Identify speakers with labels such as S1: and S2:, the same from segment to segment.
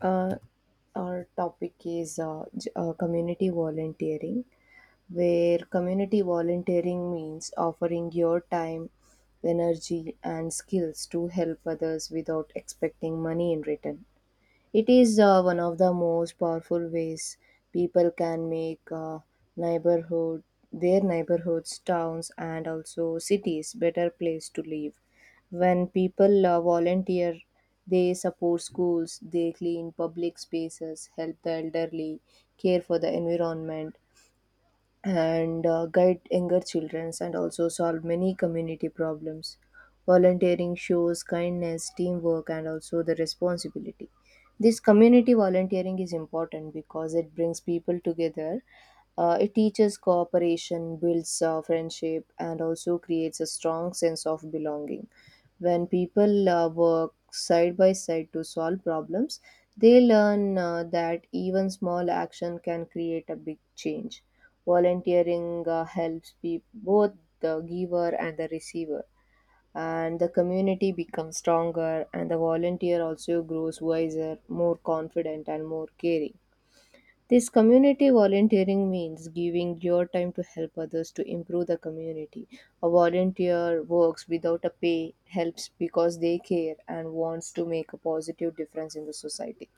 S1: Uh, our topic is community volunteering, where community volunteering means offering your time, energy, and skills to help others without expecting money in return. It is one of the most powerful ways people can make neighborhood their neighborhoods, towns, and also cities better place to live. When people volunteer, they support schools, they clean public spaces, help the elderly, care for the environment, and guide younger children and also solve many community problems. Volunteering shows kindness, teamwork, and also the responsibility. This community volunteering is important because it brings people together. It teaches cooperation, builds friendship, and also creates a strong sense of belonging. When people work side by side to solve problems, they learn that even small action can create a big change. Volunteering helps be both the giver and the receiver, and the community becomes stronger, and the volunteer also grows wiser, more confident, and more caring. This community volunteering means giving your time to help others to improve the community. A volunteer works without a pay, helps because they care and wants to make a positive difference in the society.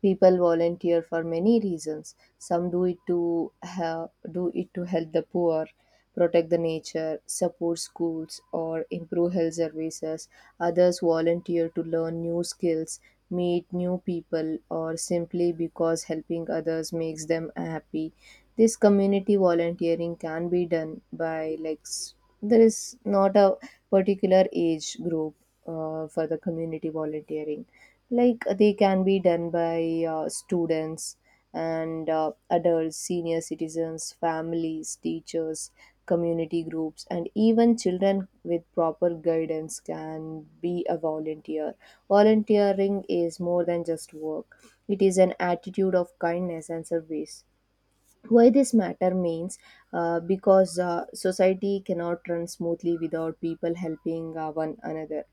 S1: People volunteer for many reasons. Some do it to do it to help the poor, protect the nature, support schools or improve health services. Others volunteer to learn new skills, meet new people, or simply because helping others makes them happy. This community volunteering can be done by there is not a particular age group for the community volunteering. Like they can be done by students and adults, senior citizens, families, teachers, community groups, and even children with proper guidance can be a volunteer. Volunteering is more than just work, it is an attitude of kindness and service. Why this matter means because society cannot run smoothly without people helping one another.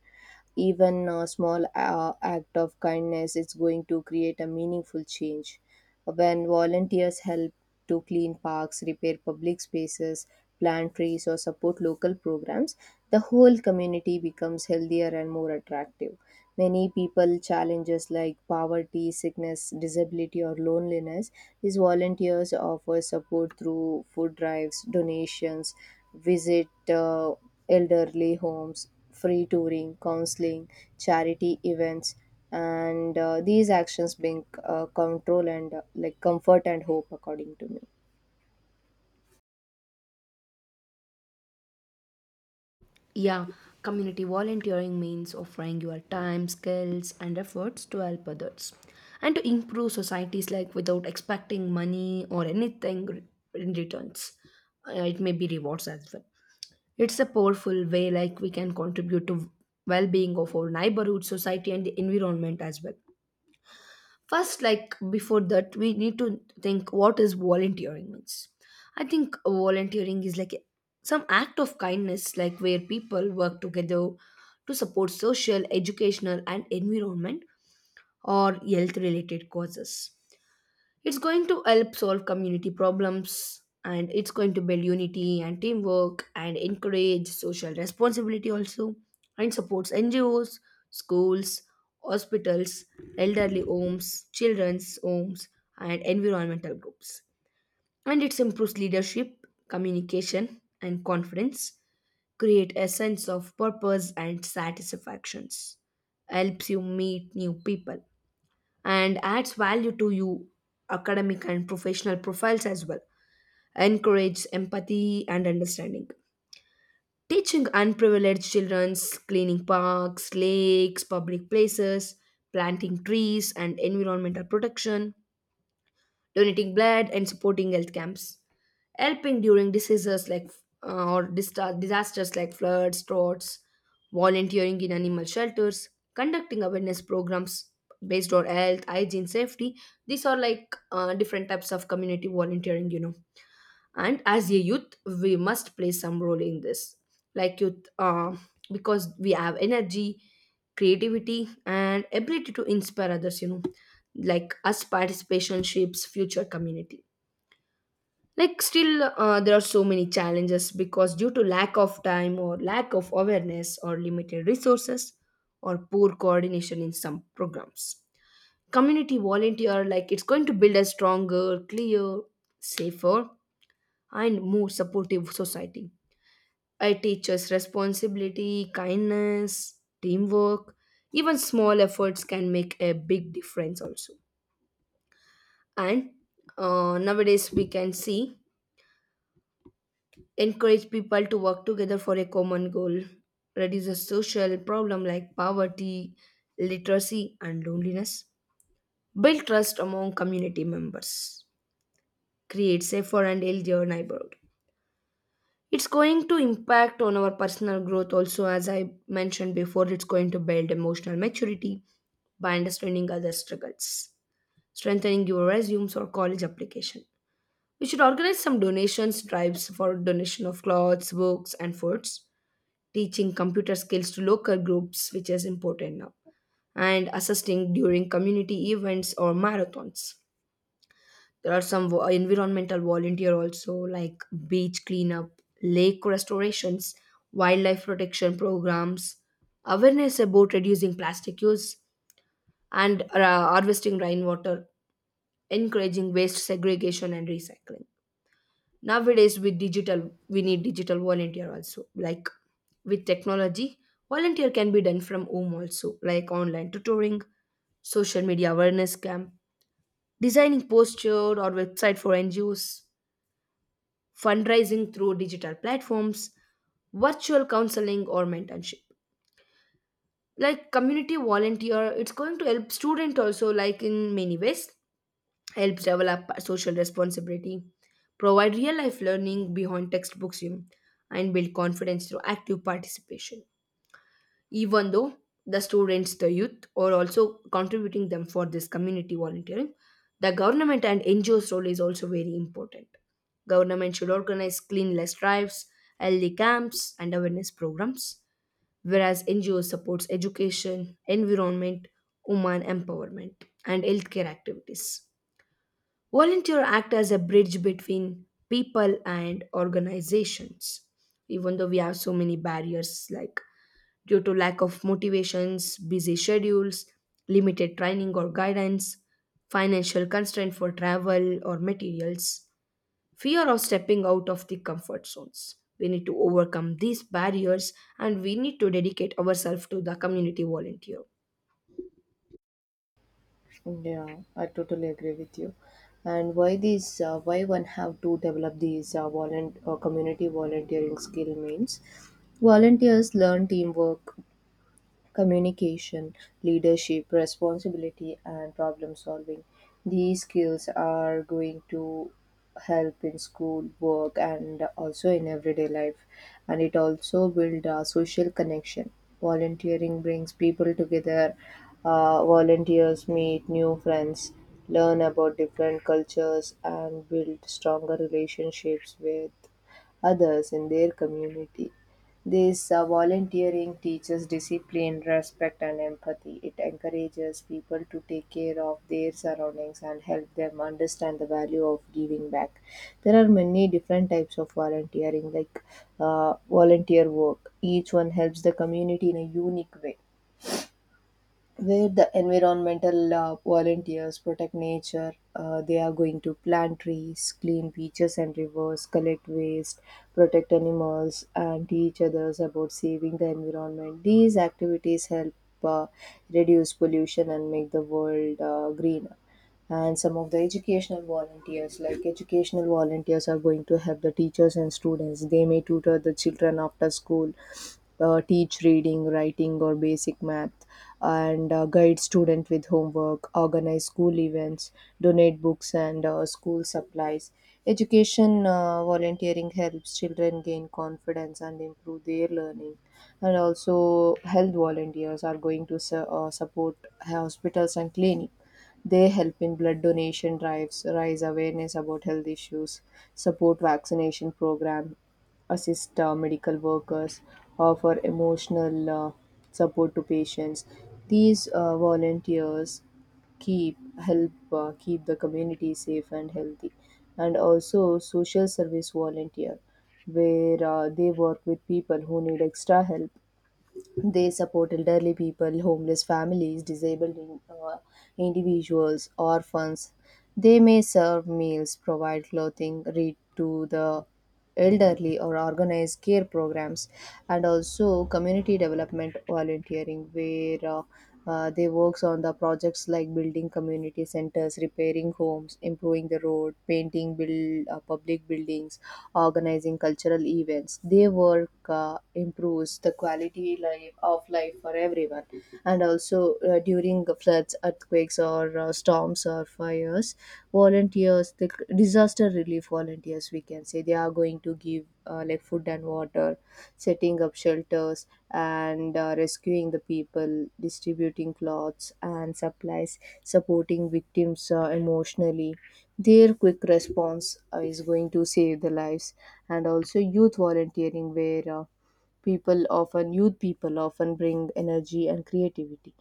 S1: Even a small act of kindness is going to create a meaningful change when volunteers help to clean parks, repair public spaces, plant trees, or support local programs, the whole community becomes healthier and more attractive. Many people challenges like poverty, sickness, disability, or loneliness. These volunteers offer support through food drives, donations, visit elderly homes, free touring, counseling, charity events, and these actions bring control and like comfort and hope according to me.
S2: Yeah, community volunteering means offering your time, skills, and efforts to help others and to improve societies like without expecting money or anything in returns. It may be rewards as well. It's a powerful way like we can contribute to well-being of our neighborhood, society, and the environment as well. First, like before that we need to think what is volunteering means. I think volunteering is like some act of kindness like where people work together to support social, educational and environment or health related causes. It's going to help solve community problems and it's going to build unity and teamwork and encourage social responsibility also, and supports NGOs, schools, hospitals, elderly homes, children's homes and environmental groups. And it improves leadership, communication and confidence, create a sense of purpose and satisfactions, helps you meet new people and adds value to you academic and professional profiles as well, encourages empathy and understanding, teaching unprivileged children's, cleaning parks, lakes, public places, planting trees and environmental protection, donating blood and supporting health camps, helping during diseases like or disasters like floods, droughts, volunteering in animal shelters, conducting awareness programs based on health, hygiene, safety. These are like different types of community volunteering, you know. And as a youth, we must play some role in this, like youth, because we have energy, creativity, and ability to inspire others, you know, like us participation shapes future community. Like still there are so many challenges because due to lack of time or lack of awareness or limited resources or poor coordination in some programs, community volunteer like it's going to build a stronger, clear, safer and more supportive society. I teaches responsibility, kindness, teamwork. Even small efforts can make a big difference also. And nowadays we can see encourage people to work together for a common goal, reduces social problem like poverty, literacy, and loneliness, build trust among community members, create safer and healthier neighborhood. It's going to impact on our personal growth also, as I mentioned before. It's going to build emotional maturity by understanding other struggles, strengthening your resumes or college application. We should organize some donations drives for donation of clothes, books, and foods, teaching computer skills to local groups, which is important now, and assisting during community events or marathons. There are some environmental volunteer also, like beach cleanup, lake restorations, wildlife protection programs, awareness about reducing plastic use, and harvesting rainwater, encouraging waste segregation and recycling. Nowadays with digital we need digital volunteer also, like with technology volunteer can be done from home also, like online tutoring, social media awareness camp, designing posture or website for ngos, fundraising through digital platforms, virtual counseling or mentorship. Like community volunteer it's going to help student also like in many ways, helps develop social responsibility, provide real life learning beyond textbooks, you know, and build confidence through active participation. Even though the students, the youth, are also contributing them for this community volunteering, the government and NGOs role is also very important. Government should organize cleanliness drives, healthy camps, and awareness programs, whereas NGO supports education, environment, women empowerment, and healthcare activities. Volunteer act as a bridge between people and organizations. Even though we have so many barriers like due to lack of motivations, busy schedules, limited training or guidance, financial constraint for travel or materials, fear of stepping out of the comfort zones. We need to overcome these barriers and we need to dedicate ourselves to the community volunteer.
S1: Yeah, I totally agree with you. And why these, why one have to develop these community volunteering skill means volunteers learn teamwork, communication, leadership, responsibility, and problem solving. These skills are going to help in school, work, and also in everyday life. And it also builds a social connection. Volunteering brings people together. Volunteers meet new friends, learn about different cultures, and build stronger relationships with others in their community. This volunteering teaches discipline, respect, and empathy. It encourages people to take care of their surroundings and help them understand the value of giving back. There are many different types of volunteering, like volunteer work. Each one helps the community in a unique way where the environmental volunteers protect nature. They are going to plant trees, clean beaches and rivers, collect waste, protect animals, and teach others about saving the environment. These activities help uh, reduce pollution and make the world greener, and some of the educational volunteers, like educational volunteers are going to help the teachers and students. They may tutor the children after school, teach reading, writing, or basic math, and guide student with homework, organize school events, donate books and school supplies. Education volunteering helps children gain confidence and improve their learning. And also health volunteers are going to support hospitals and clinics. They help in blood donation drives, raise awareness about health issues, support vaccination program, assist medical workers, offer emotional support to patients. These volunteers keep the community safe and healthy. And also social service volunteer, where they work with people who need extra help. They support elderly people, homeless families, individuals, orphans. They may serve meals, provide clothing, read to the elderly, or organize care programs. And also community development volunteering, where they works on the projects like building community centers, repairing homes, improving the road, painting, build public buildings, organizing cultural events. Their work improves the quality life of life for everyone. And also during the floods, earthquakes, or storms or fires, volunteers, the disaster relief volunteers, we can say, they are going to give like food and water, setting up shelters, and rescuing the people, distributing clothes and supplies, supporting victims emotionally. Their quick response is going to save the lives. And also youth volunteering, where people often youth people often bring energy and creativity.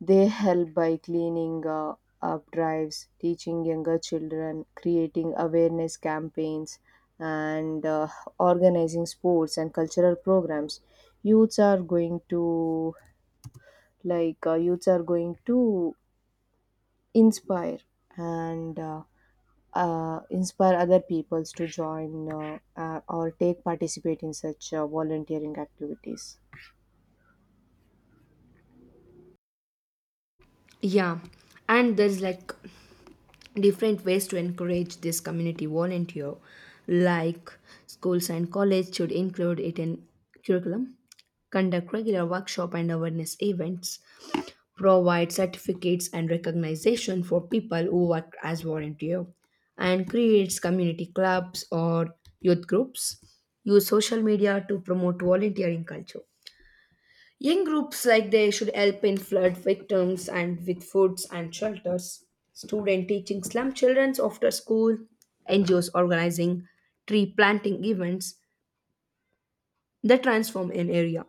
S1: They help by cleaning up drives, teaching younger children, creating awareness campaigns, and organizing sports and cultural programs. youths are going to Youths are going to inspire and inspire other peoples to join or take participate in such volunteering activities.
S2: Yeah, and there's like different ways to encourage this community volunteer, like schools and college should include it in curriculum, conduct regular workshop and awareness events, provide certificates and recognition for people who work as volunteer, and creates community clubs or youth groups, use social media to promote volunteering culture. Young groups like they should help in flood victims and with foods and shelters. Student teaching slum childrens after school, NGOs organizing tree planting events that transform an area,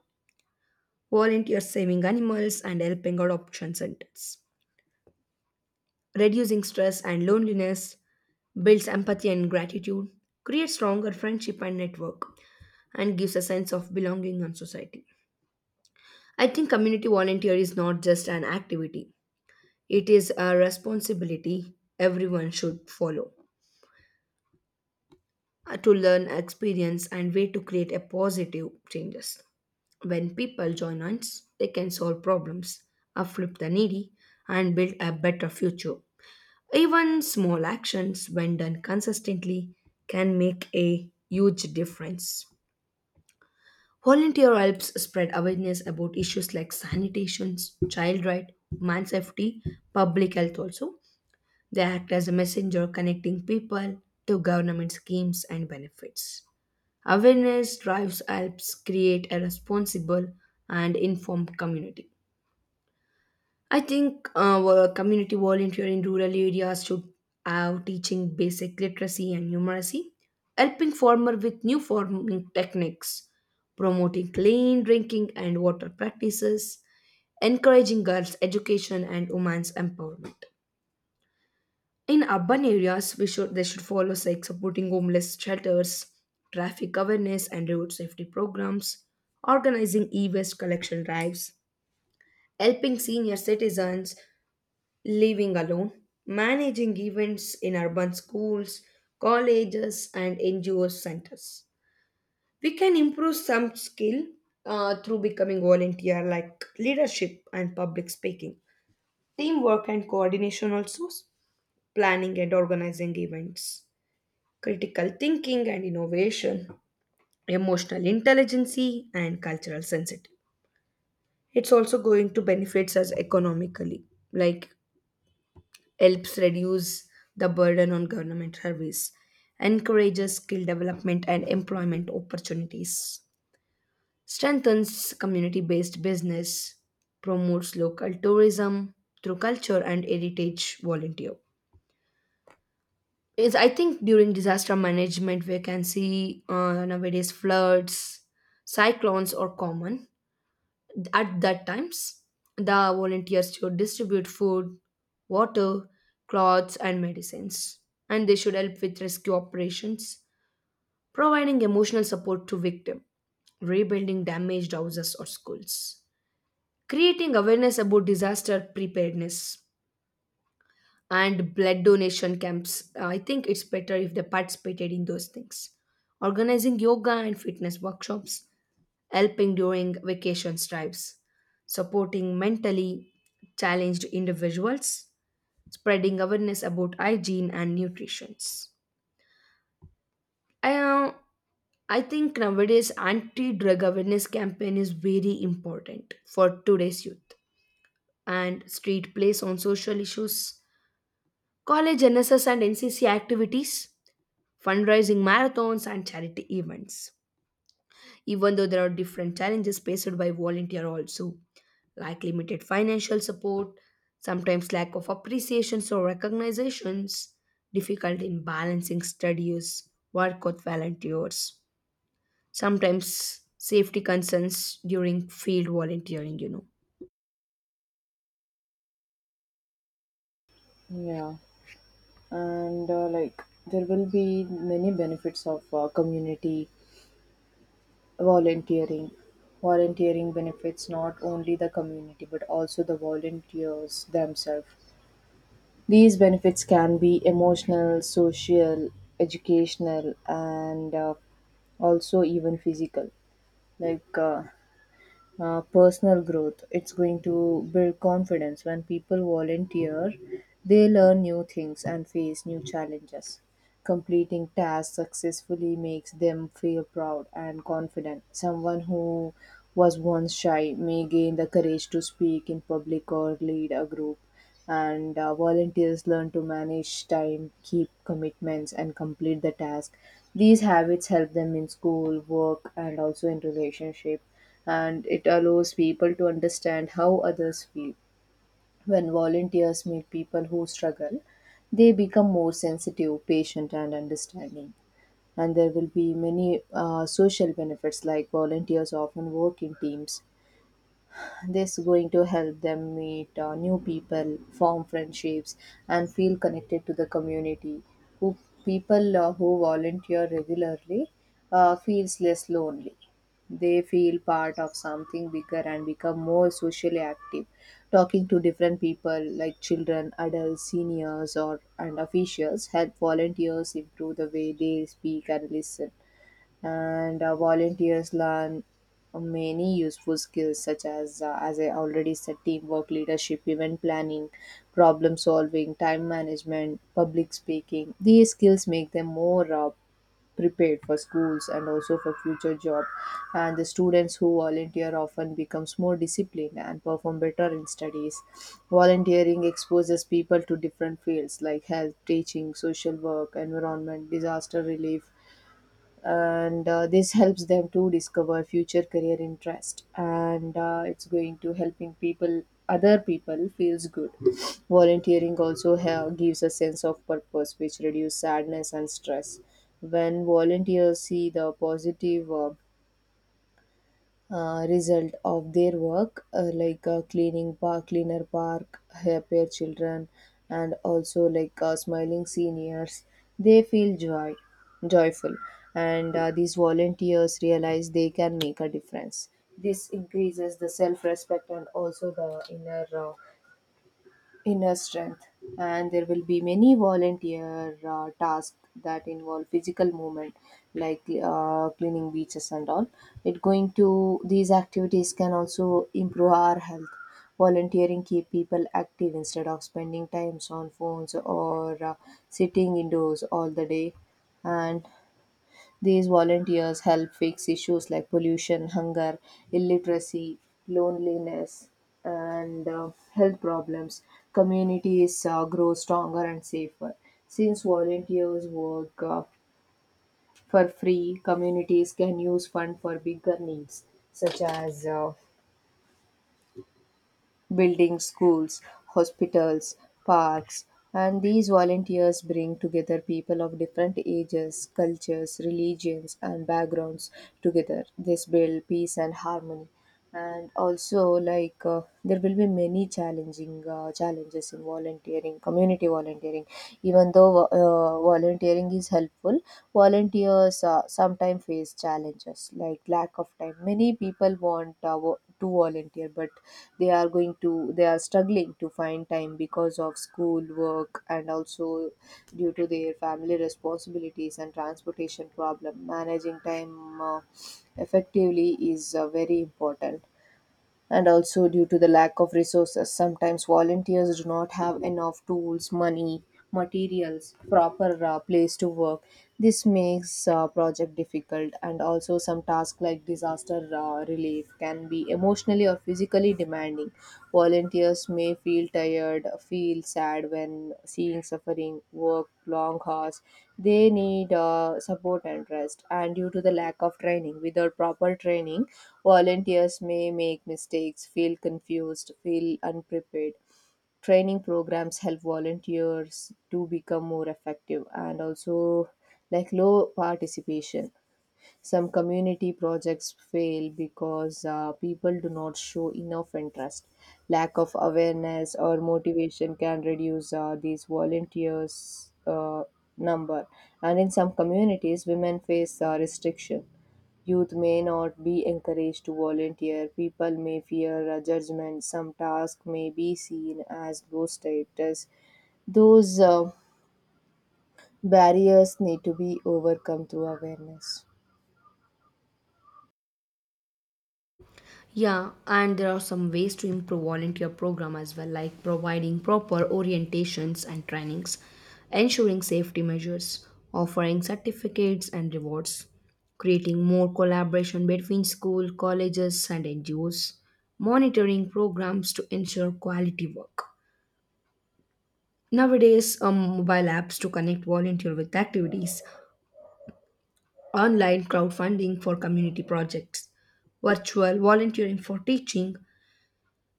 S2: volunteers saving animals and helping adoption centers, reducing stress and loneliness, builds empathy and gratitude, creates stronger friendship and network, and gives a sense of belonging in society. I think community volunteer is not just an activity. It is a responsibility everyone should follow, to learn, experience, and way to create a positive changes. When people join hands, they can solve problems, uplift the needy, and build a better future. Even small actions, when done consistently, can make a huge difference. Volunteer helps spread awareness about issues like sanitation, child right, man safety, public health also. They act as a messenger connecting people to government schemes and benefits. Awareness drives helps create a responsible and informed community. I think well, community volunteer in rural areas should have teaching basic literacy and numeracy, helping farmer with new farming techniques, promoting clean drinking and water practices, encouraging girls' education and women's empowerment. In urban areas, we should they should follow like supporting homeless shelters, traffic awareness and road safety programs, organizing e-waste collection drives, helping senior citizens living alone, managing events in urban schools, colleges, and NGO centers. We can improve some skill through becoming volunteer, like leadership and public speaking, teamwork and coordination, also planning and organizing events, critical thinking and innovation, emotional intelligence, and cultural sensitivity. It's also going to benefits us economically, like helps reduce the burden on government service, encourages skill development and employment opportunities, strengthens community-based business, promotes local tourism through culture and heritage volunteer. Is I think during disaster management we can see nowadays floods, cyclones are common. At that times the volunteers should distribute food, water, clothes and medicines, and they should help with rescue operations, providing emotional support to victims, rebuilding damaged houses or schools, creating awareness about disaster preparedness and blood donation camps. I think it's better if they participated in those things. Organizing yoga and fitness workshops, helping during vacation drives, supporting mentally challenged individuals, spreading awareness about hygiene and nutrition. I, uh, I think nowadays anti-drug awareness campaign is very important for today's youth and street plays on social issues, college NSS and NCC activities, fundraising marathons, and charity events. Even though there are different challenges faced by volunteer also, like limited financial support, sometimes lack of appreciations or recognitions, difficult in balancing studies, work with volunteers, sometimes safety concerns during field volunteering, you know.
S1: Yeah, and like there will be many benefits of community volunteering. Volunteering benefits not only the community but also the volunteers themselves. These benefits can be emotional, social, educational, and also even physical. Like uh, Personal growth. It's going to build confidence. When people volunteer, they learn new things and face new challenges. Completing tasks successfully makes them feel proud and confident. Someone who was once shy may gain the courage to speak in public or lead a group. And volunteers learn to manage time, keep commitments, and complete the task. These habits help them in school, work, and also in relationship. And it allows people to understand how others feel. When volunteers meet people who struggle, they become more sensitive, patient, and understanding. And there will be many social benefits, like volunteers often work in teams. This going to help them meet new people, form friendships, and feel connected to the community. Who People who volunteer regularly feels less lonely. They feel part of something bigger and become more socially active. Talking to different people like children, adults, seniors, or and officials help volunteers improve the way they speak and listen. And volunteers learn many useful skills such as, as I already said, teamwork, leadership, event planning, problem solving, time management, public speaking. These skills make them more prepared for schools and also for future job. And the students who volunteer often becomes more disciplined and perform better in studies. Volunteering exposes people to different fields like health, teaching, social work, environment, disaster relief. And this helps them to discover future career interest. And it's going to helping people, other people feels good. Volunteering also gives a sense of purpose which reduce sadness and stress. When volunteers see the positive result of their work, like cleaner park, happier children, and also like smiling seniors. They feel joy, joyful, and these volunteers realize they can make a difference. This increases the self-respect and also the inner inner strength. And there will be many volunteer tasks that involve physical movement like cleaning beaches and all. It going to These activities can also improve our health. Volunteering keep people active instead of spending times on phones or sitting indoors all the day. And these volunteers help fix issues like pollution, hunger, illiteracy, loneliness, and health problems. Communities grow stronger and safer. Since volunteers work for free, communities can use funds for bigger needs such as building schools, hospitals, parks. And these volunteers bring together people of different ages, cultures, religions, and backgrounds together. This builds peace and harmony. And also like there will be many challenging challenges in volunteering community volunteering. Even though volunteering is helpful, volunteers sometimes face challenges like lack of time. Many people want to volunteer, but they are struggling to find time because of school, work, and also due to their family responsibilities and transportation problem. Managing time effectively is very important. And also due to the lack of resources, sometimes volunteers do not have enough tools, money, materials, proper place to work. This makes project difficult. And also some tasks like disaster relief can be emotionally or physically demanding. Volunteers may feel tired, feel sad when seeing suffering, work long hours. They need support and rest. And due to the lack of training, without proper training, volunteers may make mistakes, feel confused, feel unprepared. Training programs help volunteers to become more effective. And also like low participation, some community projects fail because people do not show enough interest. Lack of awareness or motivation can reduce these volunteers' number. And in some communities, women face restriction. Youth may not be encouraged to volunteer. People may fear judgment. Some tasks may be seen as low status. Those barriers need to be overcome through awareness.
S2: Yeah, and there are some ways to improve volunteer program as well, like providing proper orientations and trainings, ensuring safety measures, offering certificates and rewards, creating more collaboration between school, colleges, and NGOs, monitoring programs to ensure quality work. Nowadays, mobile apps to connect volunteer with activities, online crowdfunding for community projects, virtual volunteering for teaching,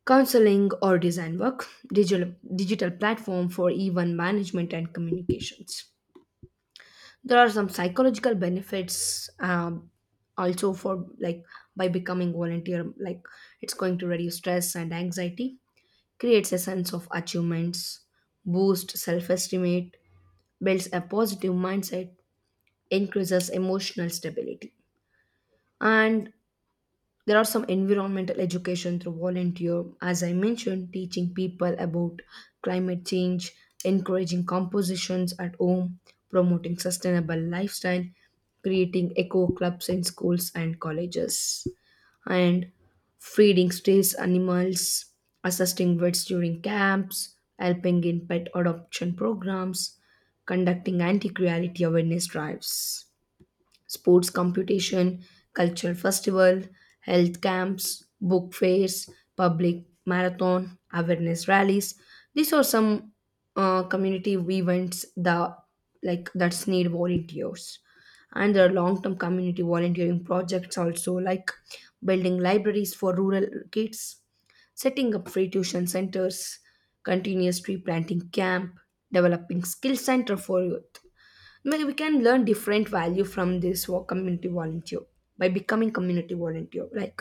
S2: counseling or design work, digital, digital platform for even management and communications. There are some psychological benefits also for like by becoming volunteer, like it's going to reduce stress and anxiety, creates a sense of achievements, boost self-estimate, builds a positive mindset, increases emotional stability. And there are some environmental education through volunteer, as I mentioned, teaching people about climate change, encouraging compositions at home, promoting sustainable lifestyle, creating eco clubs in schools and colleges, and feeding stray animals, assisting vets during camps, helping in pet adoption programs, conducting anti-cruelty awareness drives, sports competition, cultural festival, health camps, book fairs, public marathon, awareness rallies. These are some community events that like that's need volunteers. And there are long-term community volunteering projects also, like building libraries for rural kids, setting up free tuition centers, continuous tree planting camp, developing skill center for youth. Maybe we can learn different value from this work community volunteer by becoming community volunteer like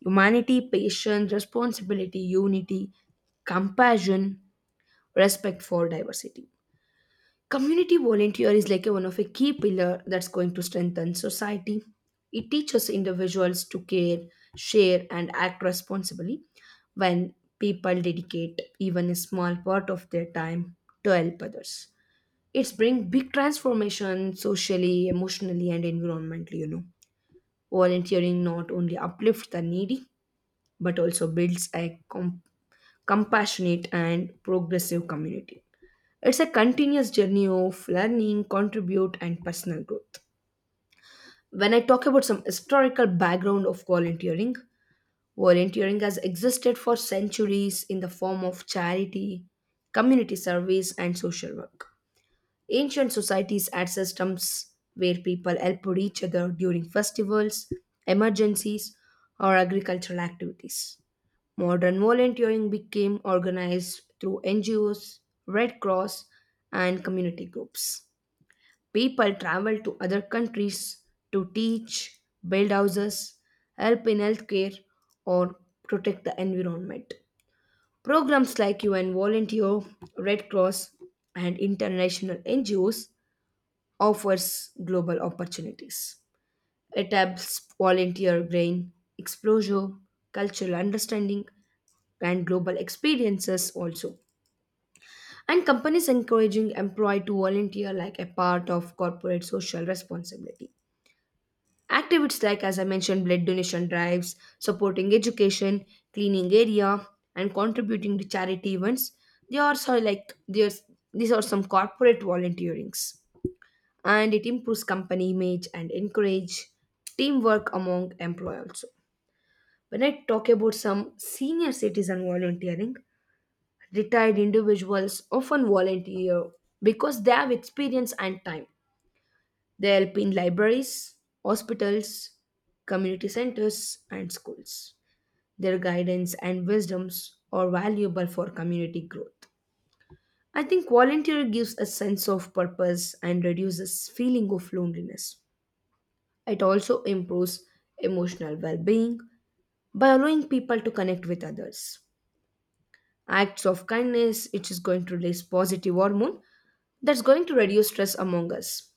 S2: humanity, patience, responsibility, unity, compassion, respect for diversity. Community volunteer is like a, one of a key pillar that's going to strengthen society. It teaches individuals to care, share and act responsibly. When people dedicate even a small part of their time to help others, it's bring big transformation socially, emotionally, and environmentally. You know, volunteering not only uplifts the needy but also builds a compassionate and progressive community. It's a continuous journey of learning, contribute, and personal growth. When I talk about some historical background of volunteering, volunteering has existed for centuries in the form of charity, community service, and social work. Ancient societies had systems where people helped each other during festivals, emergencies, or agricultural activities. Modern volunteering became organized through NGOs, Red Cross, and community groups. People traveled to other countries to teach, build houses, help in healthcare, or protect the environment. Programs like UN Volunteer, Red Cross, and international NGOs offers global opportunities. It helps volunteer gain exposure, cultural understanding, and global experiences also. And companies encouraging employee to volunteer like a part of corporate social responsibility. Activities like, as I mentioned, blood donation drives, supporting education, cleaning area, and contributing to charity events. They are so like there's these are some corporate volunteerings. And it improves company image and encourage teamwork among employees also. When I talk about some senior citizen volunteering, retired individuals often volunteer because they have experience and time. They help in libraries, hospitals, community centers, and schools. Their guidance and wisdoms are valuable for community growth. I think volunteer gives a sense of purpose and reduces feeling of loneliness. It also improves emotional well being by allowing people to connect with others. Acts of kindness, it is going to release positive hormone that's going to reduce stress among us.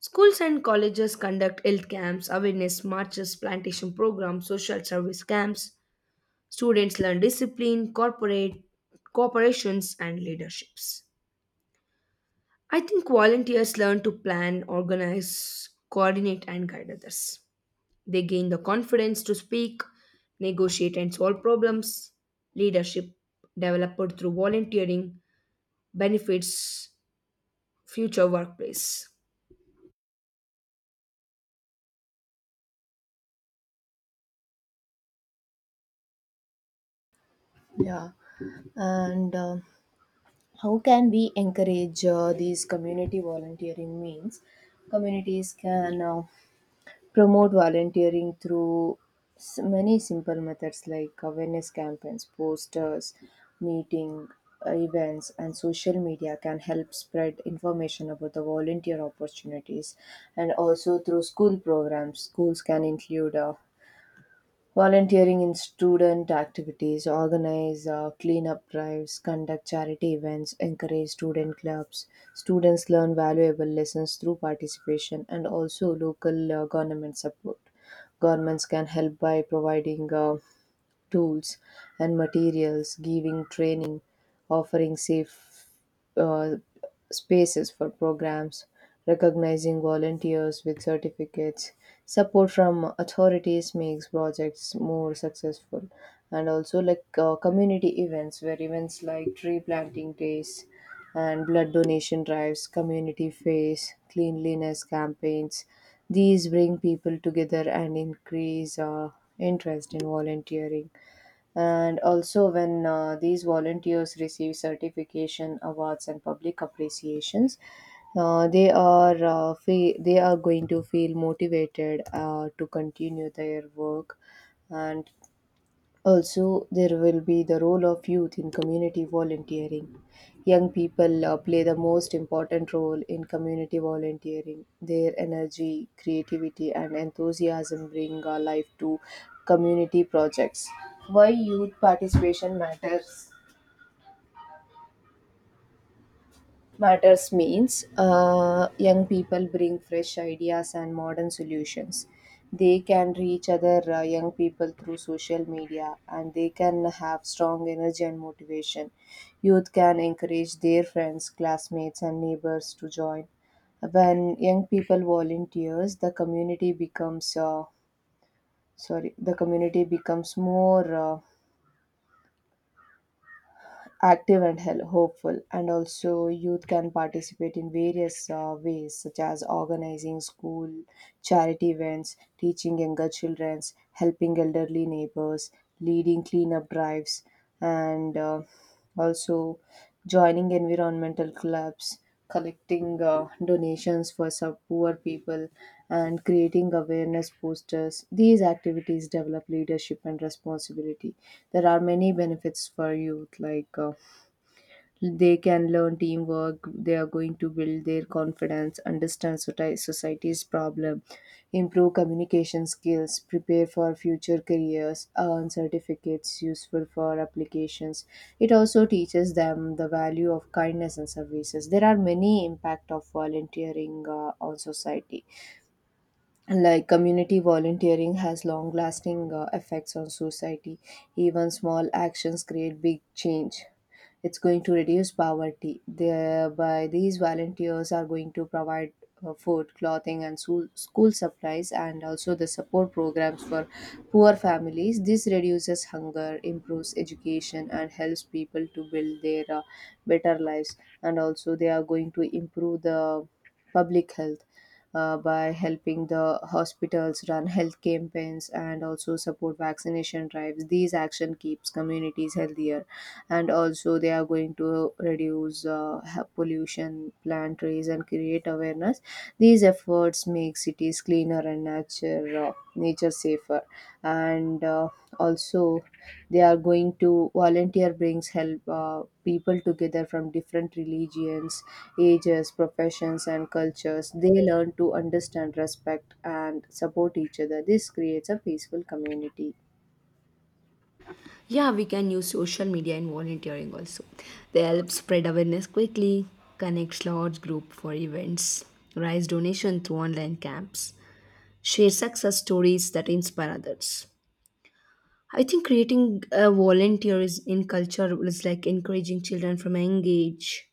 S2: Schools and colleges conduct health camps, awareness marches, plantation programs, social service camps. Students learn discipline, corporate corporations, and leaderships. I think volunteers learn to plan, organize, coordinate, and guide others. They gain the confidence to speak, negotiate, and solve problems. Leadership developed through volunteering benefits future workplace.
S1: Yeah, and how can we encourage these community volunteering means? Communities can promote volunteering through many simple methods like awareness campaigns, posters, meeting events, and social media can help spread information about the volunteer opportunities. And also through school programs, schools can include volunteering in student activities, organize cleanup drives, conduct charity events, encourage student clubs. Students learn valuable lessons through participation and also local government support. Governments can help by providing tools and materials, giving training, offering safe uh, spaces for programs, recognizing volunteers with certificates. Support from authorities makes projects more successful, and also like community events where events like tree planting days and blood donation drives, community face, cleanliness campaigns. These bring people together and increase interest in volunteering. And also, when these volunteers receive certification, awards, and public appreciations, they are they are going to feel motivated to continue their work. And also, there will be the role of youth in community volunteering. Young people play the most important role in community volunteering. Their energy, creativity, and enthusiasm bring life to community projects. Why youth participation matters, matters means young people bring fresh ideas and modern solutions. They can reach other young people through social media, and they can have strong energy and motivation. Youth can encourage their friends, classmates, and neighbors to join. When young people volunteers, the community becomes sorry, the community becomes more active and hopeful. And also youth can participate in various ways such as organizing school charity events, teaching younger children, helping elderly neighbors, leading cleanup drives, and also joining environmental clubs, collecting donations for some poor people, and creating awareness posters. These activities develop leadership and responsibility. There are many benefits for youth, like they can learn teamwork, they are going to build their confidence, understand society's problem, improve communication skills, prepare for future careers, earn certificates useful for applications. It also teaches them the value of kindness and services. There are many impact of volunteering on society. And like community volunteering has long lasting effects on society. Even small actions create big change. It's going to reduce poverty, thereby these volunteers are going to provide food, clothing, and school supplies, and also the support programs for poor families. This reduces hunger, improves education, and helps people to build their better lives. And also they are going to improve the public health by helping the hospitals, run health campaigns, and also support vaccination drives. These action keeps communities healthier, and also they are going to reduce pollution, plant trees, and create awareness. These efforts make cities cleaner and nature safer, and also they are going to volunteer brings help people together from different religions, ages, professions, and cultures. They learn to understand, respect, and support each other. This creates a peaceful community.
S2: Yeah, we can use social media in volunteering also. They help spread awareness quickly, connect large group for events, raise donation through online camps, share success stories that inspire others. I think creating a volunteer in culture is like encouraging children from a young age,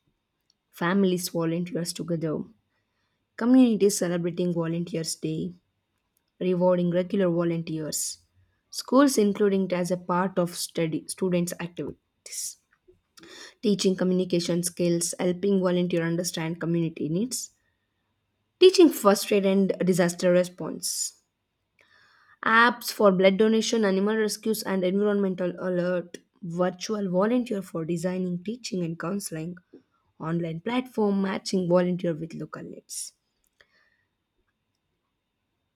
S2: families volunteers together, communities celebrating Volunteers Day, rewarding regular volunteers, schools including it as a part of study students' activity, teaching communication skills, helping volunteer understand community needs, teaching first aid and disaster response. Apps for blood donation, animal rescues, and environmental alert. Virtual volunteer for designing, teaching, and counseling. Online platform matching volunteer with local needs.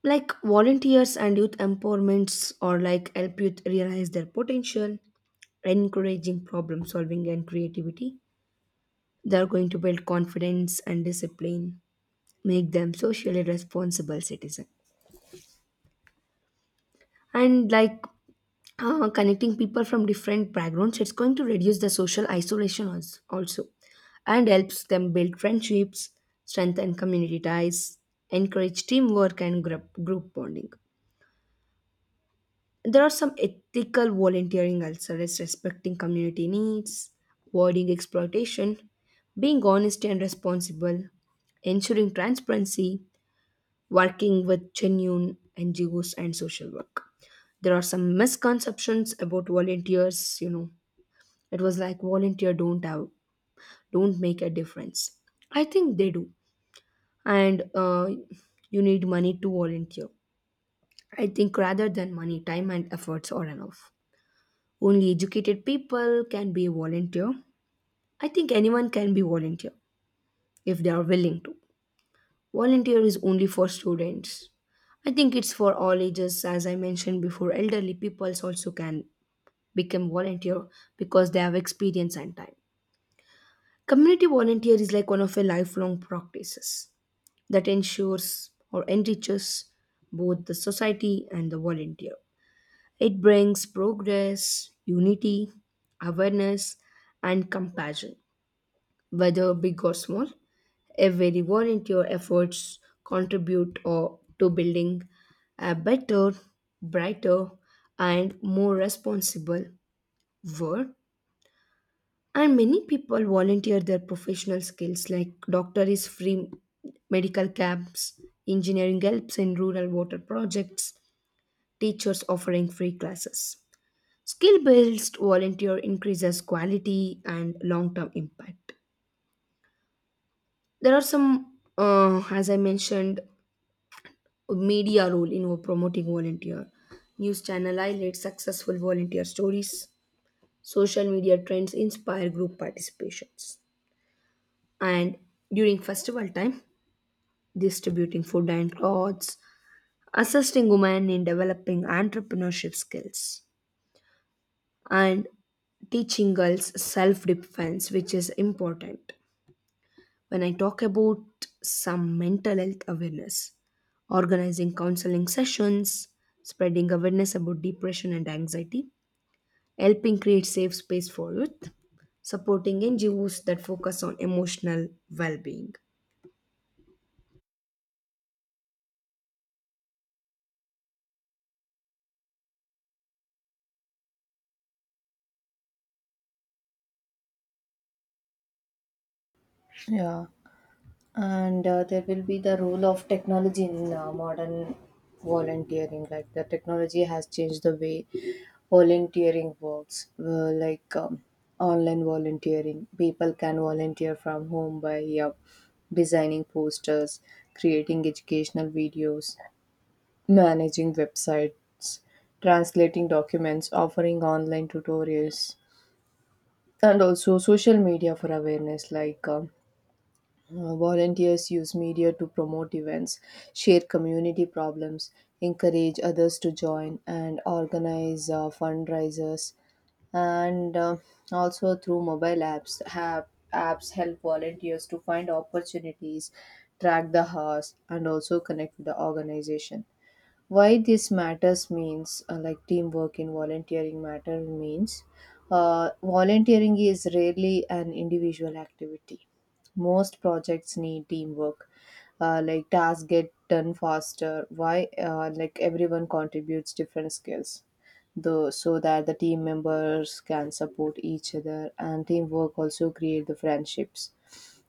S2: Like volunteers and youth empowerments, or like help youth realize their potential, encouraging problem solving and creativity. They are going to build confidence and discipline, make them socially responsible citizens, and like connecting people from different backgrounds, it's going to reduce the social isolation also, and helps them build friendships, strengthen community ties, encourage teamwork and group bonding. There are some ethical volunteering also, as respecting community needs, avoiding exploitation, being honest and responsible, ensuring transparency, working with genuine NGOs and social work. There are some misconceptions about volunteers, you know. It was like volunteer don't make a difference. I think they do. And you need money to volunteer. I think rather than money, time and efforts are enough. Only educated people can be a volunteer. I think anyone can be volunteer if they are willing to. Volunteer is only for students. I think it's for all ages. As I mentioned before, elderly peoples also can become volunteer because they have experience and time. Community volunteer is like one of a lifelong practices that ensures or enriches both the society and the volunteer. It brings progress, unity, awareness, and compassion, whether big or small. Every volunteer efforts contribute or, to building a better, brighter, and more responsible world. And many people volunteer their professional skills, like doctor is free medical camps, engineering helps in rural water projects, teachers offering free classes. Skill based volunteer increases quality and long term impact. There are some, as I mentioned, media role in promoting volunteer, news channel highlight successful volunteer stories, social media trends inspire group participations, and during festival time distributing food and clothes, assisting women in developing entrepreneurship skills, and teaching girls self defense, which is important. When I talk about some mental health awareness, organizing counseling sessions, spreading awareness about depression and anxiety, helping create safe space for youth, supporting NGOs that focus on emotional well-being.
S1: Yeah, and there will be the role of technology in modern volunteering. Like the technology has changed the way volunteering works. Online volunteering, people can volunteer from home by designing posters, creating educational videos, managing websites, translating documents, offering online tutorials, and also social media for awareness. Volunteers use media to promote events, share community problems, encourage others to join, and organize fundraisers. And also through mobile apps, have apps help volunteers to find opportunities, track the hours, and also connect with the organization. Why this matters means like teamwork in volunteering matter means volunteering is rarely an individual activity. Most projects need teamwork. Like tasks get done faster, why like everyone contributes different skills, though, so that the team members can support each other, and teamwork also create the friendships.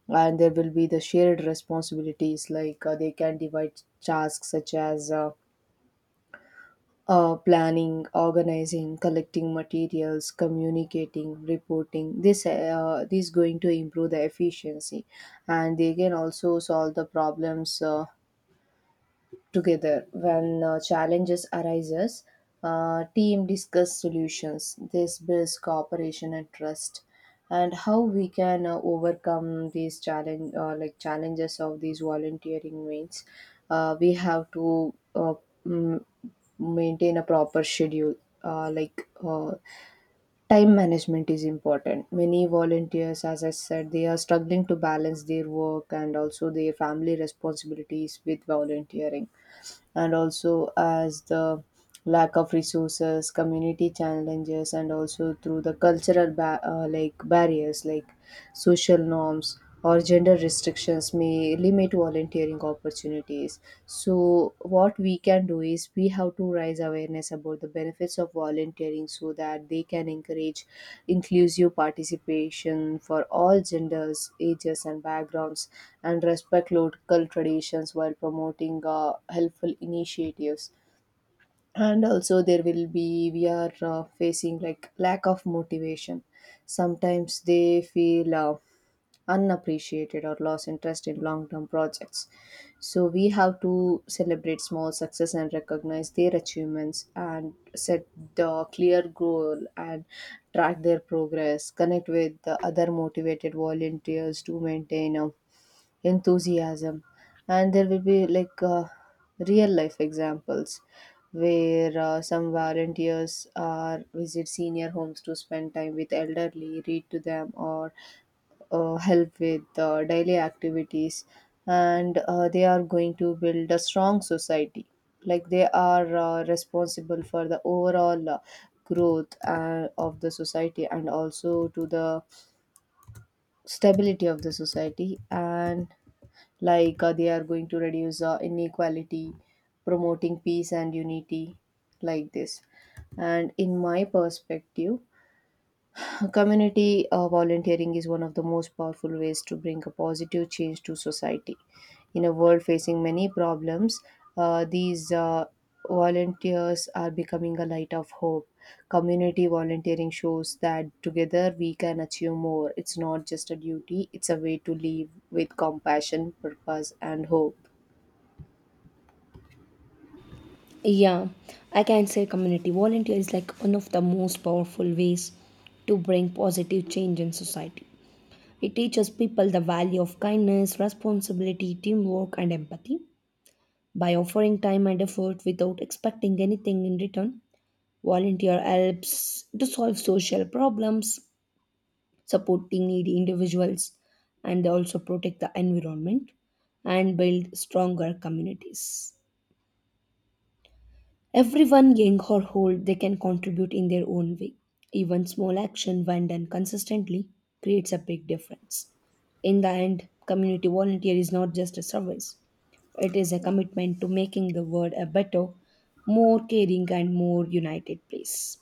S1: And there will be the shared responsibilities, like they can divide tasks such as planning, organizing, collecting materials, communicating, reporting. This going to improve the efficiency, and they can also solve the problems. Together when challenges arises, team discuss solutions. This builds cooperation and trust. And how we can overcome these challenge, like challenges of these volunteering means, we have to m- maintain a proper schedule, uh, like uh, time management is important. Many volunteers, as I said, they are struggling to balance their work and also their family responsibilities with volunteering. And also as the lack of resources, community challenges, and also through the cultural like barriers like social norms or gender restrictions may limit volunteering opportunities. So what we can do is we have to raise awareness about the benefits of volunteering so that they can encourage inclusive participation for all genders, ages, and backgrounds, and respect local traditions while promoting helpful initiatives. And also there will be, we are facing like lack of motivation. Sometimes they feel unappreciated or lost interest in long term projects. So we have to celebrate small success and recognize their achievements, and set the clear goal and track their progress. Connect with the other motivated volunteers to maintain enthusiasm. And there will be like real life examples where some volunteers are visit senior homes to spend time with elderly, read to them, or help with daily activities. And they are going to build a strong society, like they are responsible for the overall growth of the society, and also to the stability of the society. And like they are going to reduce inequality, promoting peace and unity, like this. And in my perspective, community volunteering is one of the most powerful ways to bring a positive change to society. In a world facing many problems, these volunteers are becoming a light of hope. Community volunteering shows that together we can achieve more. It's not just a duty, it's a way to live with compassion, purpose, and hope.
S2: Yeah, I can say community volunteer is like one of the most powerful ways to bring positive change in society. It teaches people the value of kindness, responsibility, teamwork, and empathy. By offering time and effort without expecting anything in return, volunteer helps to solve social problems, supporting needy individuals, and they also protect the environment and build stronger communities. Everyone, young or old, they can contribute in their own way. Even small action, when done consistently, creates a big difference. In the end, community volunteer is not just a service, it is a commitment to making the world a better, more caring, and more united place.